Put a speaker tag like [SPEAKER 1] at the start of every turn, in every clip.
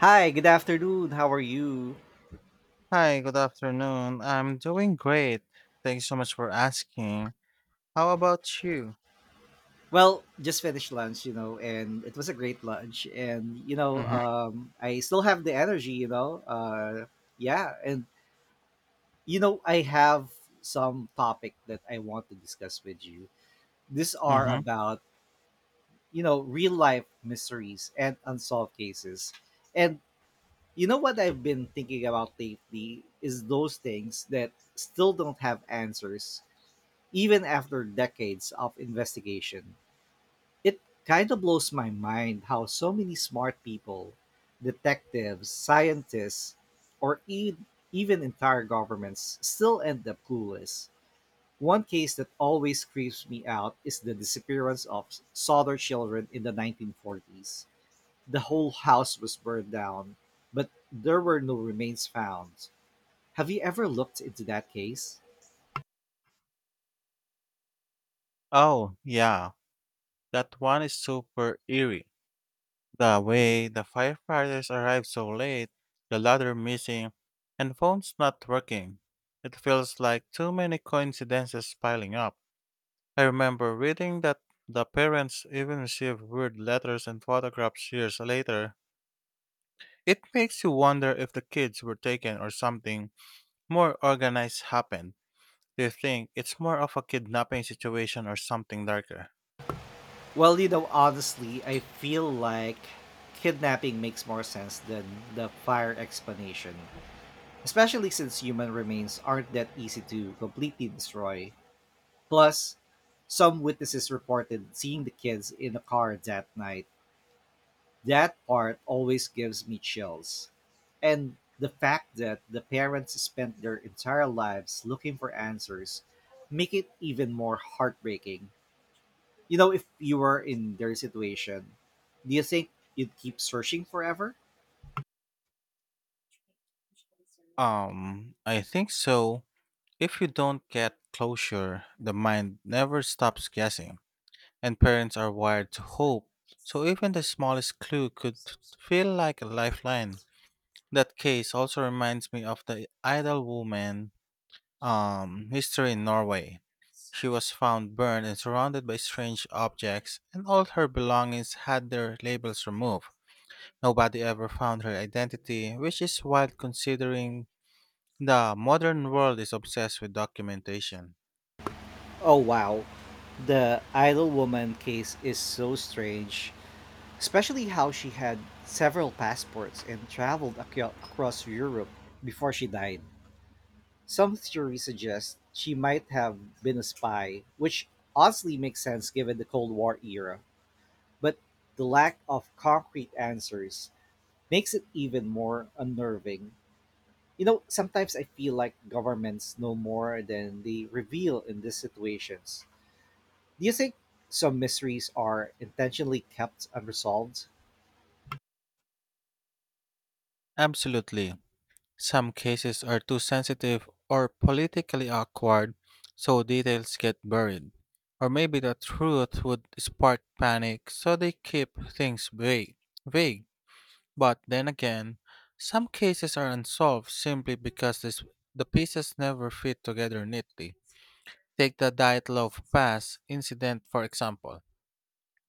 [SPEAKER 1] Hi, good afternoon. How are you?
[SPEAKER 2] Hi, good afternoon. I'm doing great. Thanks so much for asking. How about you?
[SPEAKER 1] Well, just finished lunch, and it was a great lunch. And, you know,
[SPEAKER 2] Mm-hmm.
[SPEAKER 1] um, I still have the energy. Yeah. I have some topic that I want to discuss with you. These are
[SPEAKER 2] Mm-hmm.
[SPEAKER 1] about, real life mysteries and unsolved cases. And, what I've been thinking about lately is those things that still don't have answers, even after decades of investigation. It kind of blows my mind how so many smart people, detectives, scientists, or even entire governments still end up clueless. One case that always creeps me out is the disappearance of solder children in the 1940s. The whole house was burned down, but there were no remains found. Have you ever looked into that case?
[SPEAKER 2] Oh, yeah. That one is super eerie. The way the firefighters arrived so late, the ladder missing, and phones not working. It feels like too many coincidences piling up. I remember reading that the parents even received weird letters and photographs years later. It makes you wonder if the kids were taken or something more organized happened. Do you think it's more of a kidnapping situation or something darker?
[SPEAKER 1] Well, honestly, I feel like kidnapping makes more sense than the fire explanation, especially since human remains aren't that easy to completely destroy. Plus, some witnesses reported seeing the kids in the car that night. That part always gives me chills. And the fact that the parents spent their entire lives looking for answers make it even more heartbreaking. If you were in their situation, do you think you'd keep searching forever?
[SPEAKER 2] I think so. If you don't get closure, the mind never stops guessing, and parents are wired to hope. So even the smallest clue could feel like a lifeline. That case also reminds me of the idle woman history in Norway. She was found burned and surrounded by strange objects, and all her belongings had their labels removed. Nobody ever found her identity, which is wild considering the modern world is obsessed with documentation.
[SPEAKER 1] Oh, wow. The idle woman case is so strange, especially how she had several passports and traveled across Europe before she died. Some theories suggest she might have been a spy, which honestly makes sense given the Cold War era. But the lack of concrete answers makes it even more unnerving. You know, sometimes I feel like governments know more than they reveal in these situations. Do you think some mysteries are intentionally kept unresolved?
[SPEAKER 2] Absolutely. Some cases are too sensitive or politically awkward, so details get buried. Or maybe the truth would spark panic, so they keep things vague. But then again, some cases are unsolved simply because the pieces never fit together neatly. Take the Diet Loaf Pass incident, for example.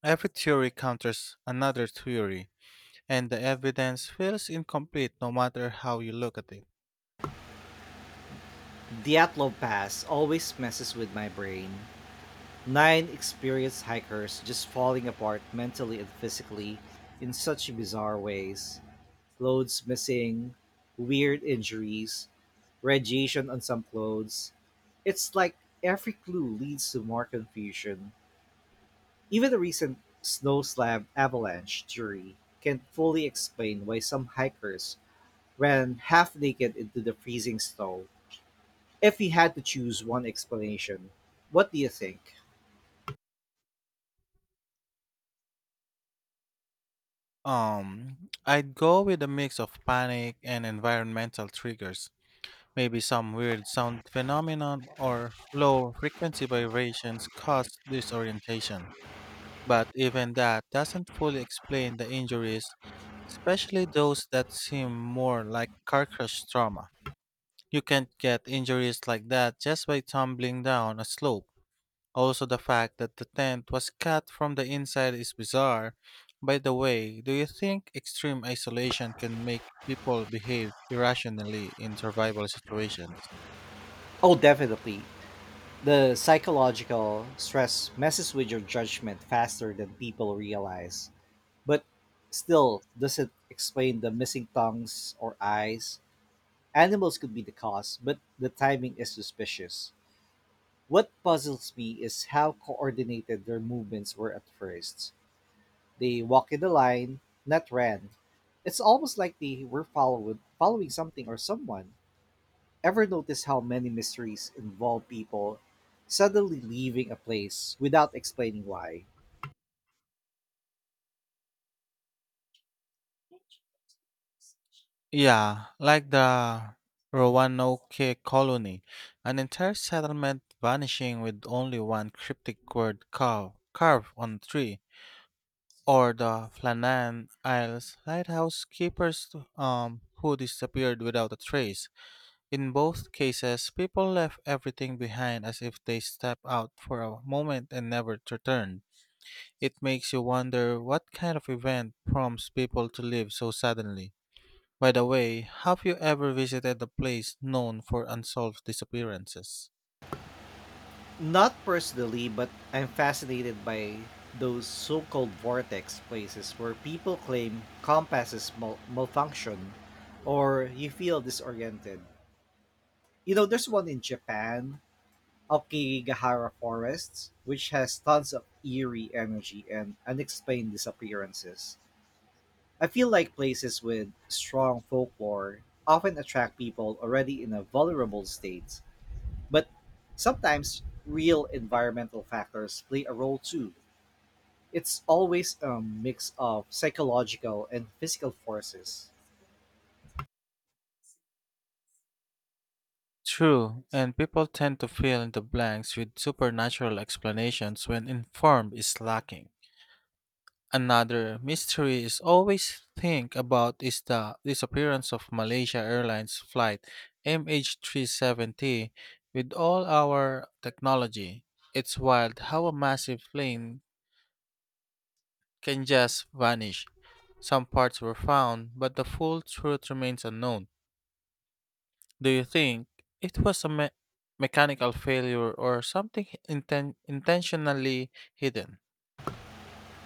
[SPEAKER 2] Every theory counters another theory, and the evidence feels incomplete no matter how you look at it.
[SPEAKER 1] Diatlov Pass always messes with my brain. Nine experienced hikers just falling apart mentally and physically in such bizarre ways. Clothes missing, weird injuries, radiation on some clothes. It's like every clue leads to more confusion. Even the recent snowslam avalanche theory can't fully explain why some hikers ran half naked into the freezing snow. If we had to choose one explanation, what do you think?
[SPEAKER 2] I'd go with a mix of panic and environmental triggers. Maybe some weird sound phenomenon or low frequency vibrations cause disorientation. But even that doesn't fully explain the injuries, especially those that seem more like car crash trauma. You can't get injuries like that just by tumbling down a slope. Also, the fact that the tent was cut from the inside is bizarre. By the way, do you think extreme isolation can make people behave irrationally in survival situations?
[SPEAKER 1] Oh, definitely. The psychological stress messes with your judgment faster than people realize, but still doesn't explain the missing tongues or eyes. Animals could be the cause, but the timing is suspicious. What puzzles me is how coordinated their movements were at first. They walked in a line, not ran. It's almost like they were followed, following something or someone. Ever notice how many mysteries involve people suddenly leaving a place without explaining why?
[SPEAKER 2] Yeah, like the Roanoke colony, an entire settlement vanishing with only one cryptic carved on a tree, or the Flannan Isles lighthouse keepers who disappeared without a trace. In both cases, people left everything behind as if they stepped out for a moment and never returned. It makes you wonder what kind of event prompts people to leave so suddenly. By the way, have you ever visited a place known for unsolved disappearances?
[SPEAKER 1] Not personally, but I'm fascinated by those so called vortex places where people claim compasses malfunction or you feel disoriented. You know, there's one in Japan, Okigahara Forests, which has tons of eerie energy and unexplained disappearances. I feel like places with strong folklore often attract people already in a vulnerable state, but sometimes real environmental factors play a role too. It's always a mix of psychological and physical forces.
[SPEAKER 2] True, and people tend to fill in the blanks with supernatural explanations when informed is lacking. Another mystery is always think about is the disappearance of Malaysia Airlines flight MH370, with all our technology. It's wild how a massive plane can just vanish. Some parts were found, but the full truth remains unknown. Do you think it was a mechanical failure or something intentionally hidden?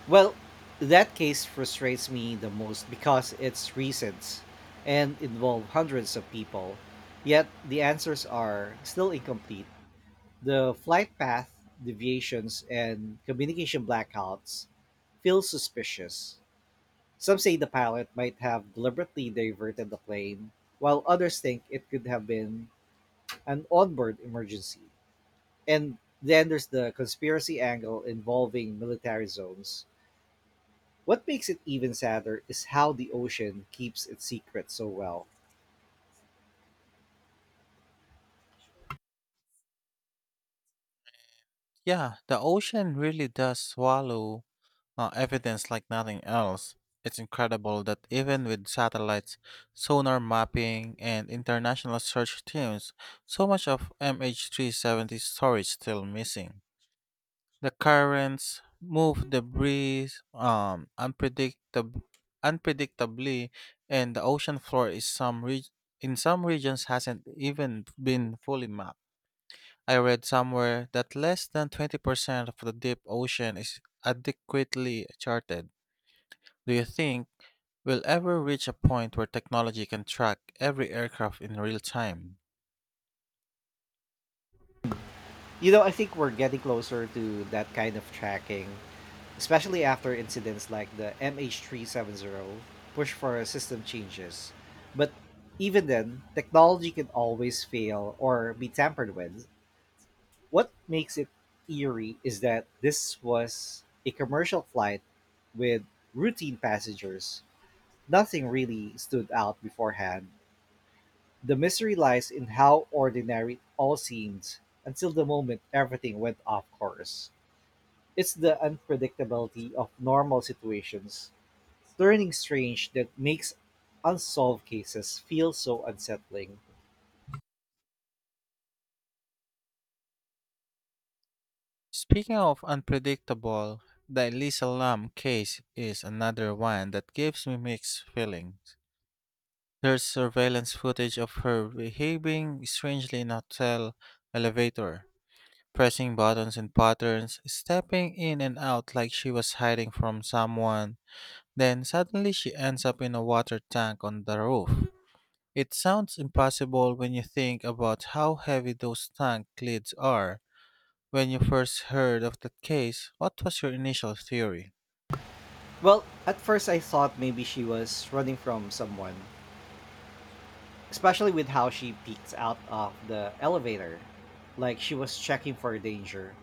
[SPEAKER 1] Well, that case frustrates me the most because it's recent and involved hundreds of people. Yet the answers are still incomplete. The flight path deviations and communication blackouts feel suspicious. Some say the pilot might have deliberately diverted the plane, while others think it could have been an onboard emergency. And then there's the conspiracy angle involving military zones. What makes it even sadder is how the ocean keeps its secrets so well.
[SPEAKER 2] Yeah, the ocean really does swallow evidence like nothing else. It's incredible that even with satellites, sonar mapping, and international search teams, so much of MH370 storage still missing. The currents move debris unpredictably, and the ocean floor in some regions hasn't even been fully mapped. I read somewhere that less than 20% of the deep ocean is adequately charted. Do you think we'll ever reach a point where technology can track every aircraft in real time?
[SPEAKER 1] You know, I think we're getting closer to that kind of tracking, especially after incidents like the MH370 push for system changes. But even then, technology can always fail or be tampered with. What makes it eerie is that this was a commercial flight with routine passengers. Nothing really stood out beforehand. The mystery lies in how ordinary it all seems until the moment everything went off course. It's the unpredictability of normal situations turning strange that makes unsolved cases feel so unsettling.
[SPEAKER 2] Speaking of unpredictable, the Elisa Lam case is another one that gives me mixed feelings. There's surveillance footage of her behaving strangely in a hotel elevator, pressing buttons in patterns, stepping in and out like she was hiding from someone. Then suddenly she ends up in a water tank on the roof. It sounds impossible when you think about how heavy those tank lids are. When you first heard of that case, what was your initial theory?
[SPEAKER 1] Well, at first I thought maybe she was running from someone, especially with how she peeks out of the elevator, like she was checking for danger.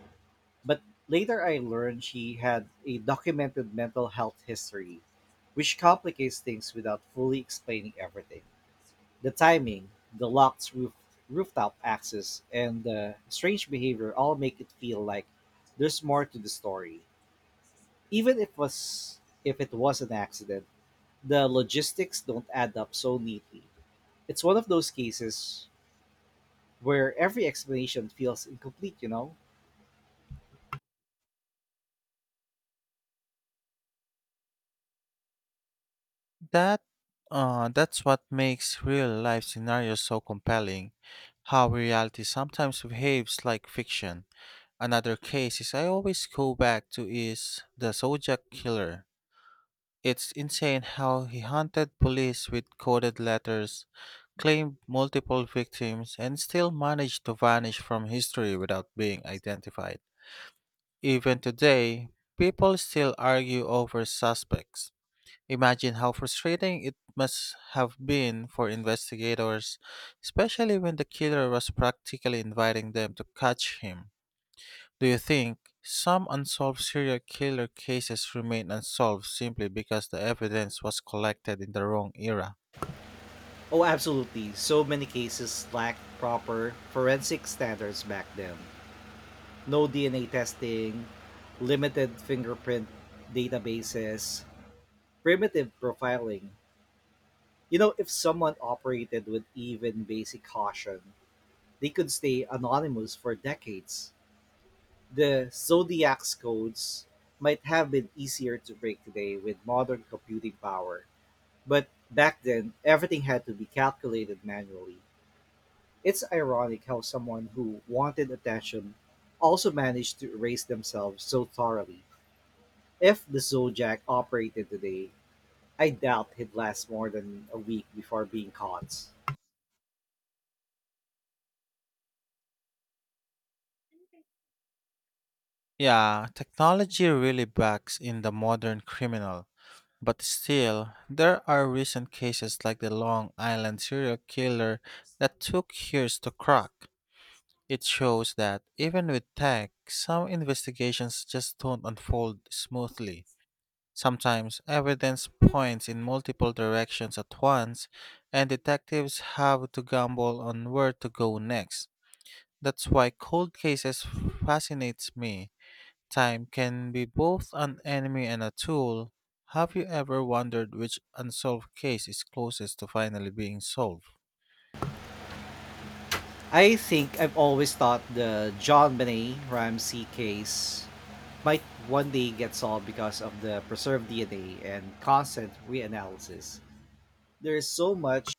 [SPEAKER 1] But later I learned she had a documented mental health history, which complicates things without fully explaining everything. The timing, the locked roof, rooftop access, and the strange behavior all make it feel like there's more to the story. Even if was if it was an accident, the logistics don't add up so neatly. It's one of those cases where every explanation feels incomplete, you know?
[SPEAKER 2] That that's what makes real life scenarios so compelling, how reality sometimes behaves like fiction. Another case is I always go back to is the Zodiac Killer. It's insane how he hunted police with coded letters, claimed multiple victims, and still managed to vanish from history without being identified. Even today, people still argue over suspects. Imagine how frustrating it must have been for investigators, especially when the killer was practically inviting them to catch him. Do you think some unsolved serial killer cases remain unsolved simply because the evidence was collected in the wrong era?
[SPEAKER 1] Oh, absolutely. So many cases lacked proper forensic standards back then. No DNA testing, limited fingerprint databases, primitive profiling. You know, if someone operated with even basic caution, they could stay anonymous for decades. The Zodiac's codes might have been easier to break today with modern computing power, but back then everything had to be calculated manually. It's ironic how someone who wanted attention also managed to erase themselves so thoroughly. If the Zodiac operated today, I doubt he'd last more than a week before being caught.
[SPEAKER 2] Yeah, technology really backs in the modern criminal, but still, there are recent cases like the Long Island serial killer that took years to crack. It shows that even with tech, some investigations just don't unfold smoothly. Sometimes evidence points in multiple directions at once, and detectives have to gamble on where to go next. That's why cold cases fascinates me. Time can be both an enemy and a tool. Have you ever wondered which unsolved case is closest to finally being solved?
[SPEAKER 1] I think I've always thought the John Benet Ramsey case might one day get solved because of the preserved DNA and constant reanalysis. There is so much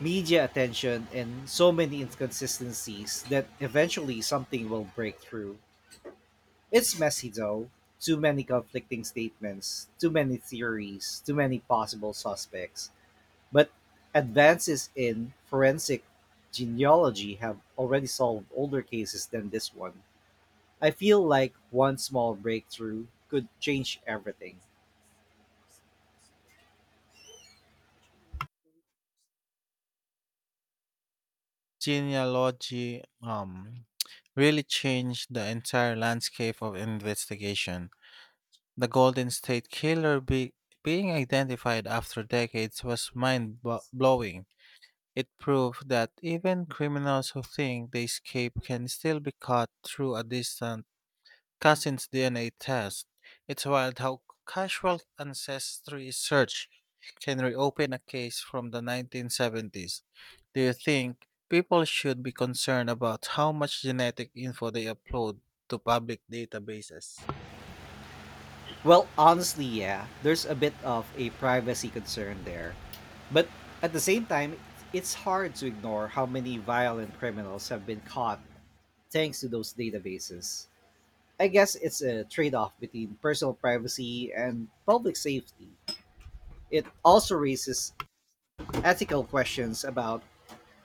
[SPEAKER 1] media attention and so many inconsistencies that eventually something will break through. It's messy though. Too many conflicting statements, too many theories, too many possible suspects. But advances in forensic genealogy have already solved older cases than this one. I feel like one small breakthrough could change everything.
[SPEAKER 2] Genealogy really changed the entire landscape of investigation. The Golden State Killer being identified after decades was mind blowing. It proved that even criminals who think they escape can still be caught through a distant cousin's DNA test. It's wild how casual ancestry search can reopen a case from the 1970s. Do you think people should be concerned about how much genetic info they upload to public databases?
[SPEAKER 1] Well, honestly, yeah, there's a bit of a privacy concern there. But at the same time, it's hard to ignore how many violent criminals have been caught thanks to those databases. I guess it's a trade off between personal privacy and public safety. It also raises ethical questions about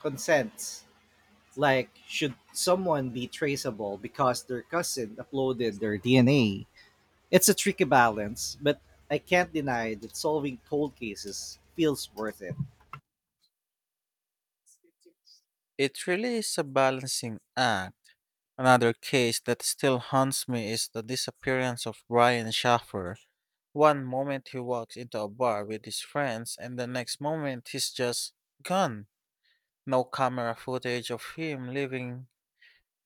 [SPEAKER 1] consent. Like, should someone be traceable because their cousin uploaded their DNA? It's a tricky balance, but I can't deny that solving cold cases feels worth it.
[SPEAKER 2] It really is a balancing act. Another case that still haunts me is the disappearance of Brian Schaffer. One moment he walks into a bar with his friends, and the next moment he's just gone. No camera footage of him leaving,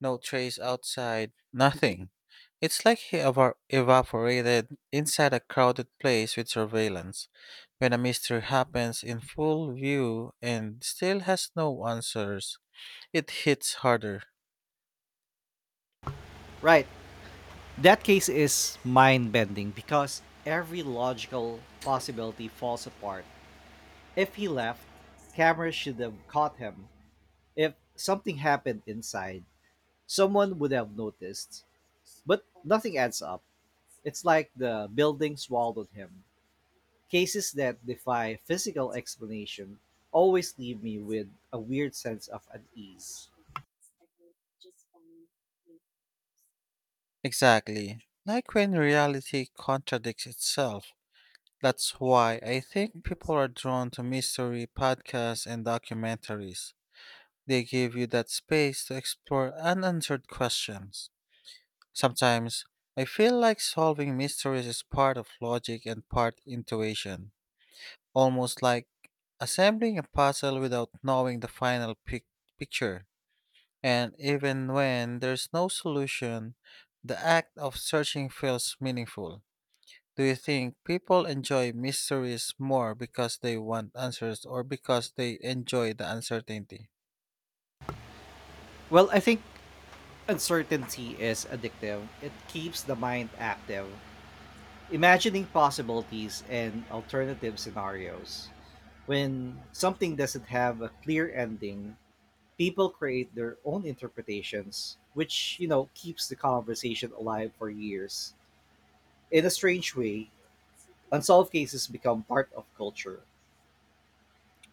[SPEAKER 2] no trace outside, nothing. It's like he evaporated inside a crowded place with surveillance. When a mystery happens in full view and still has no answers, it hits harder.
[SPEAKER 1] Right, that case is mind bending because every logical possibility falls apart. If he left, cameras should have caught him. If something happened inside, someone would have noticed. But nothing adds up. It's like the building swallowed him. Cases that defy physical explanation always leave me with a weird sense of unease.
[SPEAKER 2] Exactly. Like when reality contradicts itself. That's why I think people are drawn to mystery podcasts and documentaries. They give you that space to explore unanswered questions. Sometimes I feel like solving mysteries is part of logic and part intuition, almost like assembling a puzzle without knowing the final picture. And even when there's no solution, the act of searching feels meaningful. Do you think people enjoy mysteries more because they want answers or because they enjoy the uncertainty?
[SPEAKER 1] Well, I think uncertainty is addictive. It keeps the mind active, imagining possibilities and alternative scenarios. When something doesn't have a clear ending, people create their own interpretations, which, keeps the conversation alive for years. In a strange way, unsolved cases become part of culture,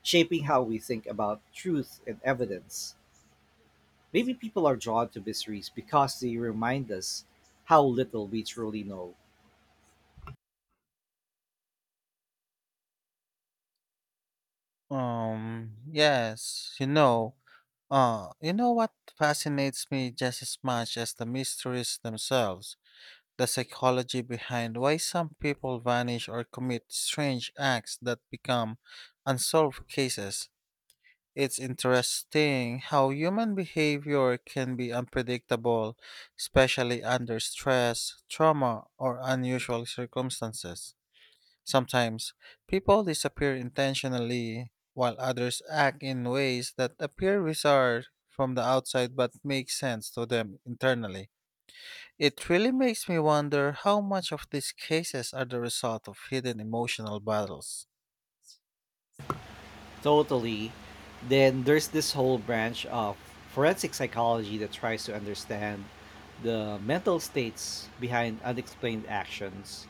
[SPEAKER 1] shaping how we think about truth and evidence. Maybe people are drawn to mysteries because they remind us how little we truly know.
[SPEAKER 2] Um, yes, you know, you know what fascinates me just as much as the mysteries themselves? The psychology behind why some people vanish or commit strange acts that become unsolved cases. It's interesting how human behavior can be unpredictable, especially under stress, trauma, or unusual circumstances. Sometimes people disappear intentionally, while others act in ways that appear bizarre from the outside but make sense to them internally. It really makes me wonder how much of these cases are the result of hidden emotional battles.
[SPEAKER 1] Totally. Then there's this whole branch of forensic psychology that tries to understand the mental states behind unexplained actions.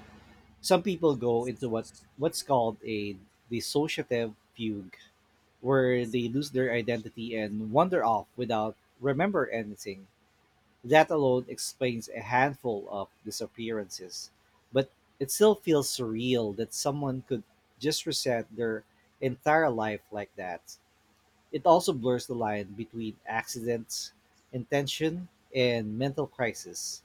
[SPEAKER 1] Some people go into what's called a dissociative fugue where they lose their identity and wander off without remember anything. That alone explains a handful of disappearances, but it still feels surreal that someone could just reset their entire life like that. It also blurs the line between accidents, intention, and mental crisis.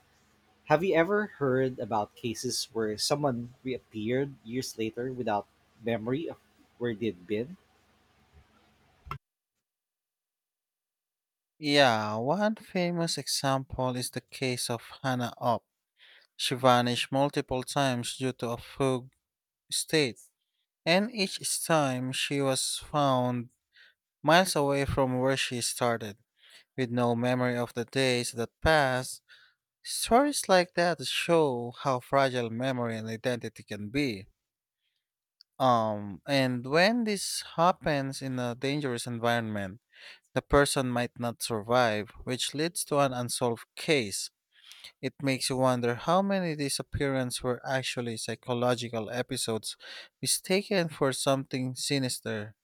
[SPEAKER 1] Have you ever heard about cases where someone reappeared years later without memory of where they'd been?
[SPEAKER 2] Yeah, one famous example is the case of Hannah Up. She vanished multiple times due to a fog state, and each time she was found miles away from where she started, with no memory of the days that passed. Stories like that show how fragile memory and identity can be. And when this happens in a dangerous environment, the person might not survive, which leads to an unsolved case. It makes you wonder how many disappearances were actually psychological episodes mistaken for something sinister.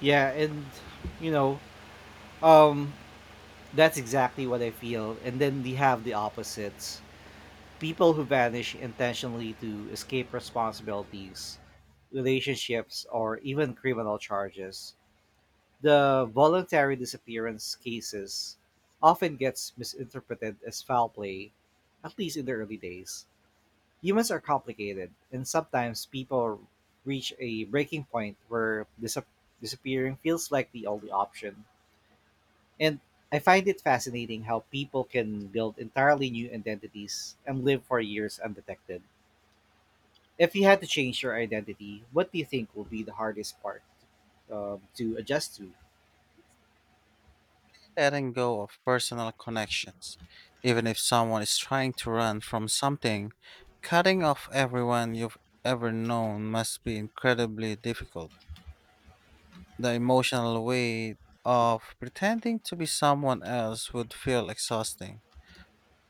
[SPEAKER 1] Yeah, and you know, um, that's exactly what I feel. And then we have the opposites people who vanish intentionally to escape responsibilities, relationships, or even criminal charges. The voluntary disappearance cases often gets misinterpreted as foul play, at least in the early days. Humans are complicated, and sometimes people reach a breaking point where disappearing feels like the only option. And I find it fascinating how people can build entirely new identities and live for years undetected. If you had to change your identity, what do you think will be the hardest part to adjust to?
[SPEAKER 2] Letting go of personal connections. Even if someone is trying to run from something, cutting off everyone you've ever known must be incredibly difficult. The emotional weight of pretending to be someone else would feel exhausting.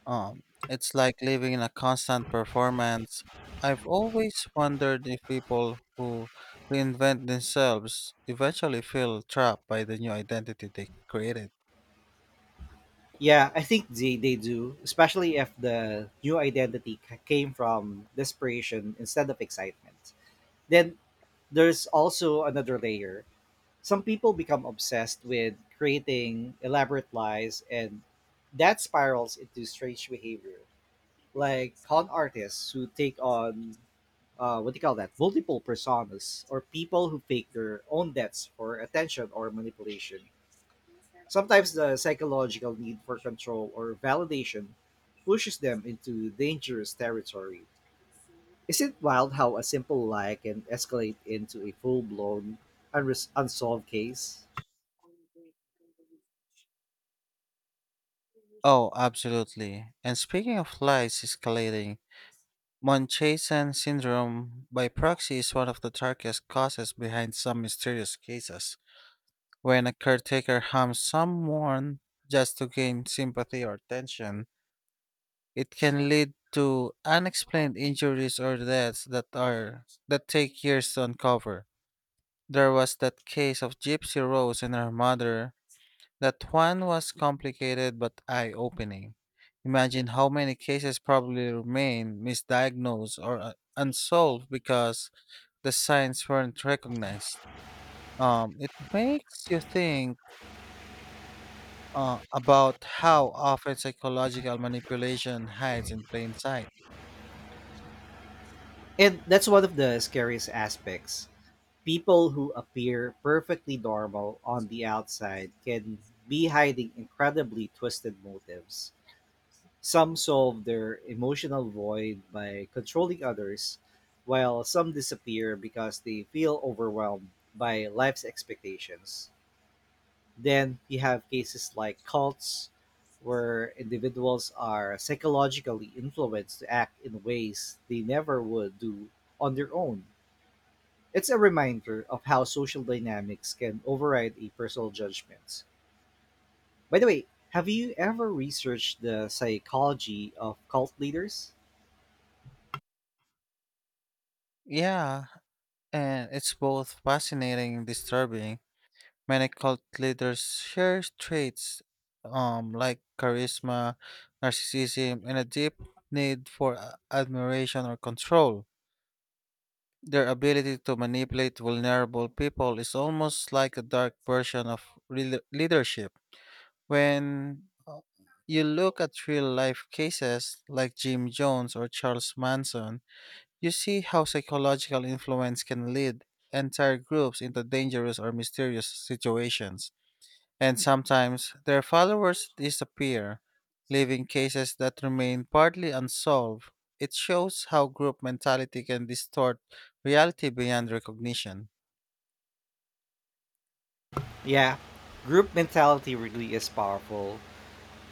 [SPEAKER 2] Um, it's like living in a constant performance. I've always wondered if people who reinvent themselves eventually feel trapped by the new identity they created.
[SPEAKER 1] Yeah, I think they do, especially if the new identity came from desperation instead of excitement. Then there's also another layer. Some people become obsessed with creating elaborate lies, and that spirals into strange behavior, like con artists who take on what do you call that? Multiple personas, or people who fake their own deaths for attention or manipulation. Sometimes the psychological need for control or validation pushes them into dangerous territory. Is it wild how a simple lie can escalate into a full blown, unsolved case?
[SPEAKER 2] Oh, absolutely. And speaking of lies escalating, Munchausen syndrome by proxy is one of the darkest causes behind some mysterious cases. When a caretaker harms someone just to gain sympathy or attention, it can lead to unexplained injuries or deaths that take years to uncover. There was that case of Gypsy Rose and her mother. That one was complicated but eye-opening. Imagine how many cases probably remain misdiagnosed or unsolved because the signs weren't recognized. It makes you think about how often psychological manipulation hides in plain sight.
[SPEAKER 1] And that's one of the scariest aspects. People who appear perfectly normal on the outside can be hiding incredibly twisted motives. Some solve their emotional void by controlling others, while some disappear because they feel overwhelmed by life's expectations. Then you have cases like cults, where individuals are psychologically influenced to act in ways they never would do on their own. It's a reminder of how social dynamics can override a personal judgments. By the way, have you ever researched the psychology of cult leaders?
[SPEAKER 2] Yeah, and it's both fascinating and disturbing. Many cult leaders share traits like charisma, narcissism, and a deep need for admiration or control. Their ability to manipulate vulnerable people is almost like a dark version of leadership. When you look at real life cases like Jim Jones or Charles Manson, you see how psychological influence can lead entire groups into dangerous or mysterious situations. And sometimes their followers disappear, leaving cases that remain partly unsolved. It shows how group mentality can distort reality beyond recognition.
[SPEAKER 1] Yeah, group mentality really is powerful.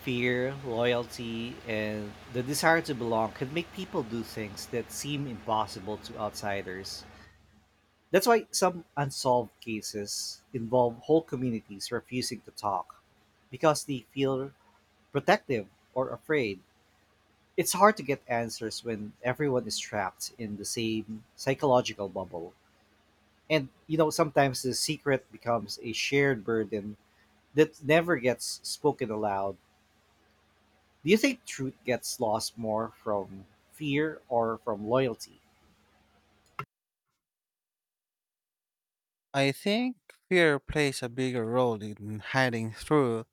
[SPEAKER 1] Fear, loyalty, and the desire to belong can make people do things that seem impossible to outsiders. That's why some unsolved cases involve whole communities refusing to talk because they feel protective or afraid. It's hard to get answers when everyone is trapped in the same psychological bubble. And, sometimes the secret becomes a shared burden that never gets spoken aloud. Do you think truth gets lost more from fear or from loyalty?
[SPEAKER 2] I think fear plays a bigger role in hiding truth.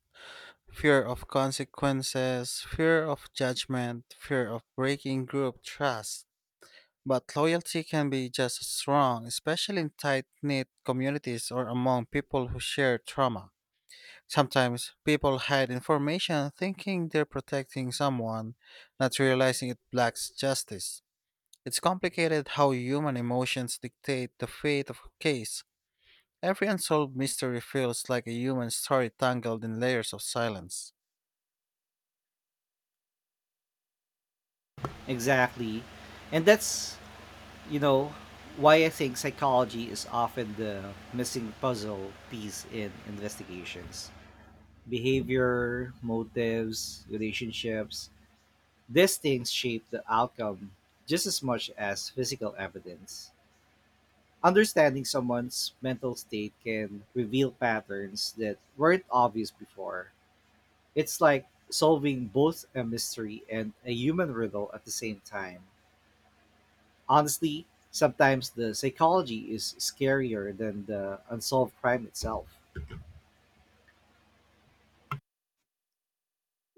[SPEAKER 2] Fear of consequences, fear of judgment, fear of breaking group trust. But loyalty can be just as strong, especially in tight knit communities or among people who share trauma. Sometimes people hide information thinking they're protecting someone, not realizing it lacks justice. It's complicated how human emotions dictate the fate of a case. Every unsolved mystery feels like a human story tangled in layers of silence.
[SPEAKER 1] Exactly. And that's, you know, why I think psychology is often the missing puzzle piece in investigations. Behavior, motives, relationships, these things shape the outcome just as much as physical evidence. Understanding someone's mental state can reveal patterns that weren't obvious before. It's like solving both a mystery and a human riddle at the same time. Honestly, sometimes the psychology is scarier than the unsolved crime itself.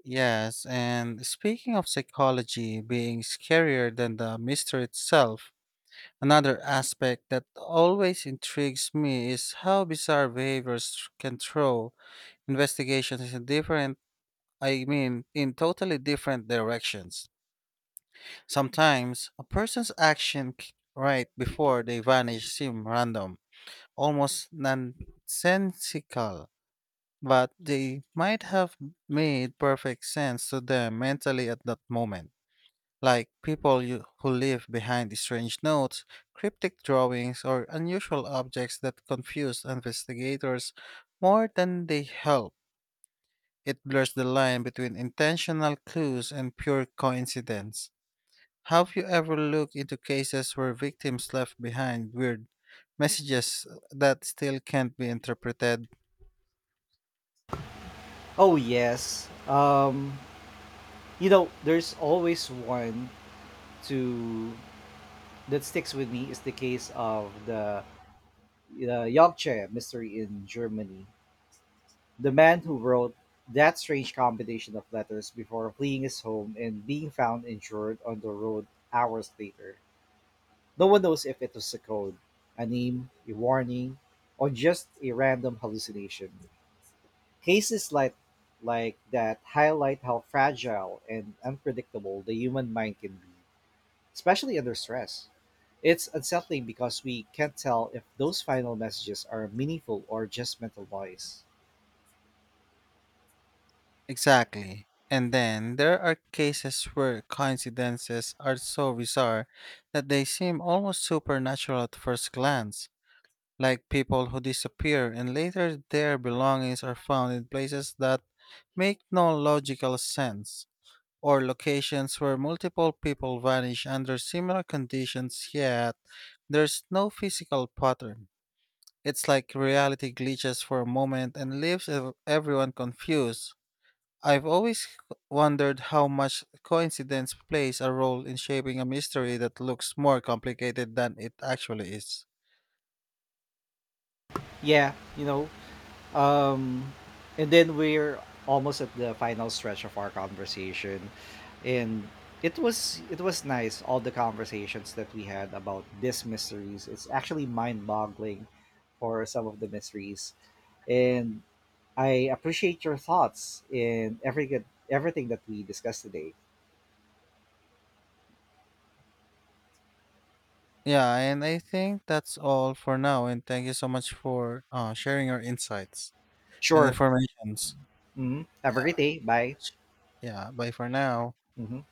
[SPEAKER 2] Yes, and speaking of psychology being scarier than the mystery itself, another aspect that always intrigues me is how bizarre behaviors can throw investigations in in totally different directions. Sometimes a person's right before they vanish seem random, almost nonsensical, but they might have made perfect sense to them mentally at that moment, like who leave behind strange notes, cryptic drawings, or unusual objects that confuse investigators more than they help. It blurs the line between intentional clues and pure coincidence. Have you ever looked into cases where victims left behind weird messages that still can't be interpreted?
[SPEAKER 1] Oh, yes. There's always one to that sticks with me is the case of the Yorkshire Mystery in Germany, the man who wrote that strange combination of letters before fleeing his home and being found injured on the road hours later. No one knows if it was a code, a name, a warning, or just a random hallucination. Cases like that highlight how fragile and unpredictable the human mind can be especially under stress. It's unsettling because we can't tell if those final messages are meaningful or just mental noise.
[SPEAKER 2] Exactly. And then there are cases where coincidences are so bizarre that they seem almost supernatural at first glance, like people who disappear and later their belongings are found in places that make no logical sense, or locations where multiple people vanish under similar conditions yet there's no physical pattern. It's like reality glitches for a moment and leaves everyone confused. I've always c- wondered how much coincidence plays a role in shaping a mystery that looks more complicated than it actually is.
[SPEAKER 1] Yeah, um, and then we're almost at the final stretch of our conversation, and it was nice all the conversations that we had about these mysteries. It's actually mind-boggling for some of the mysteries, and I appreciate your thoughts in everything that we discussed today.
[SPEAKER 2] Yeah, and I think that's all for now. And thank you so much for sharing your insights and
[SPEAKER 1] Sure,
[SPEAKER 2] informations.
[SPEAKER 1] Mhm. Have a great day. Bye.
[SPEAKER 2] Yeah, bye for now.
[SPEAKER 1] Mhm.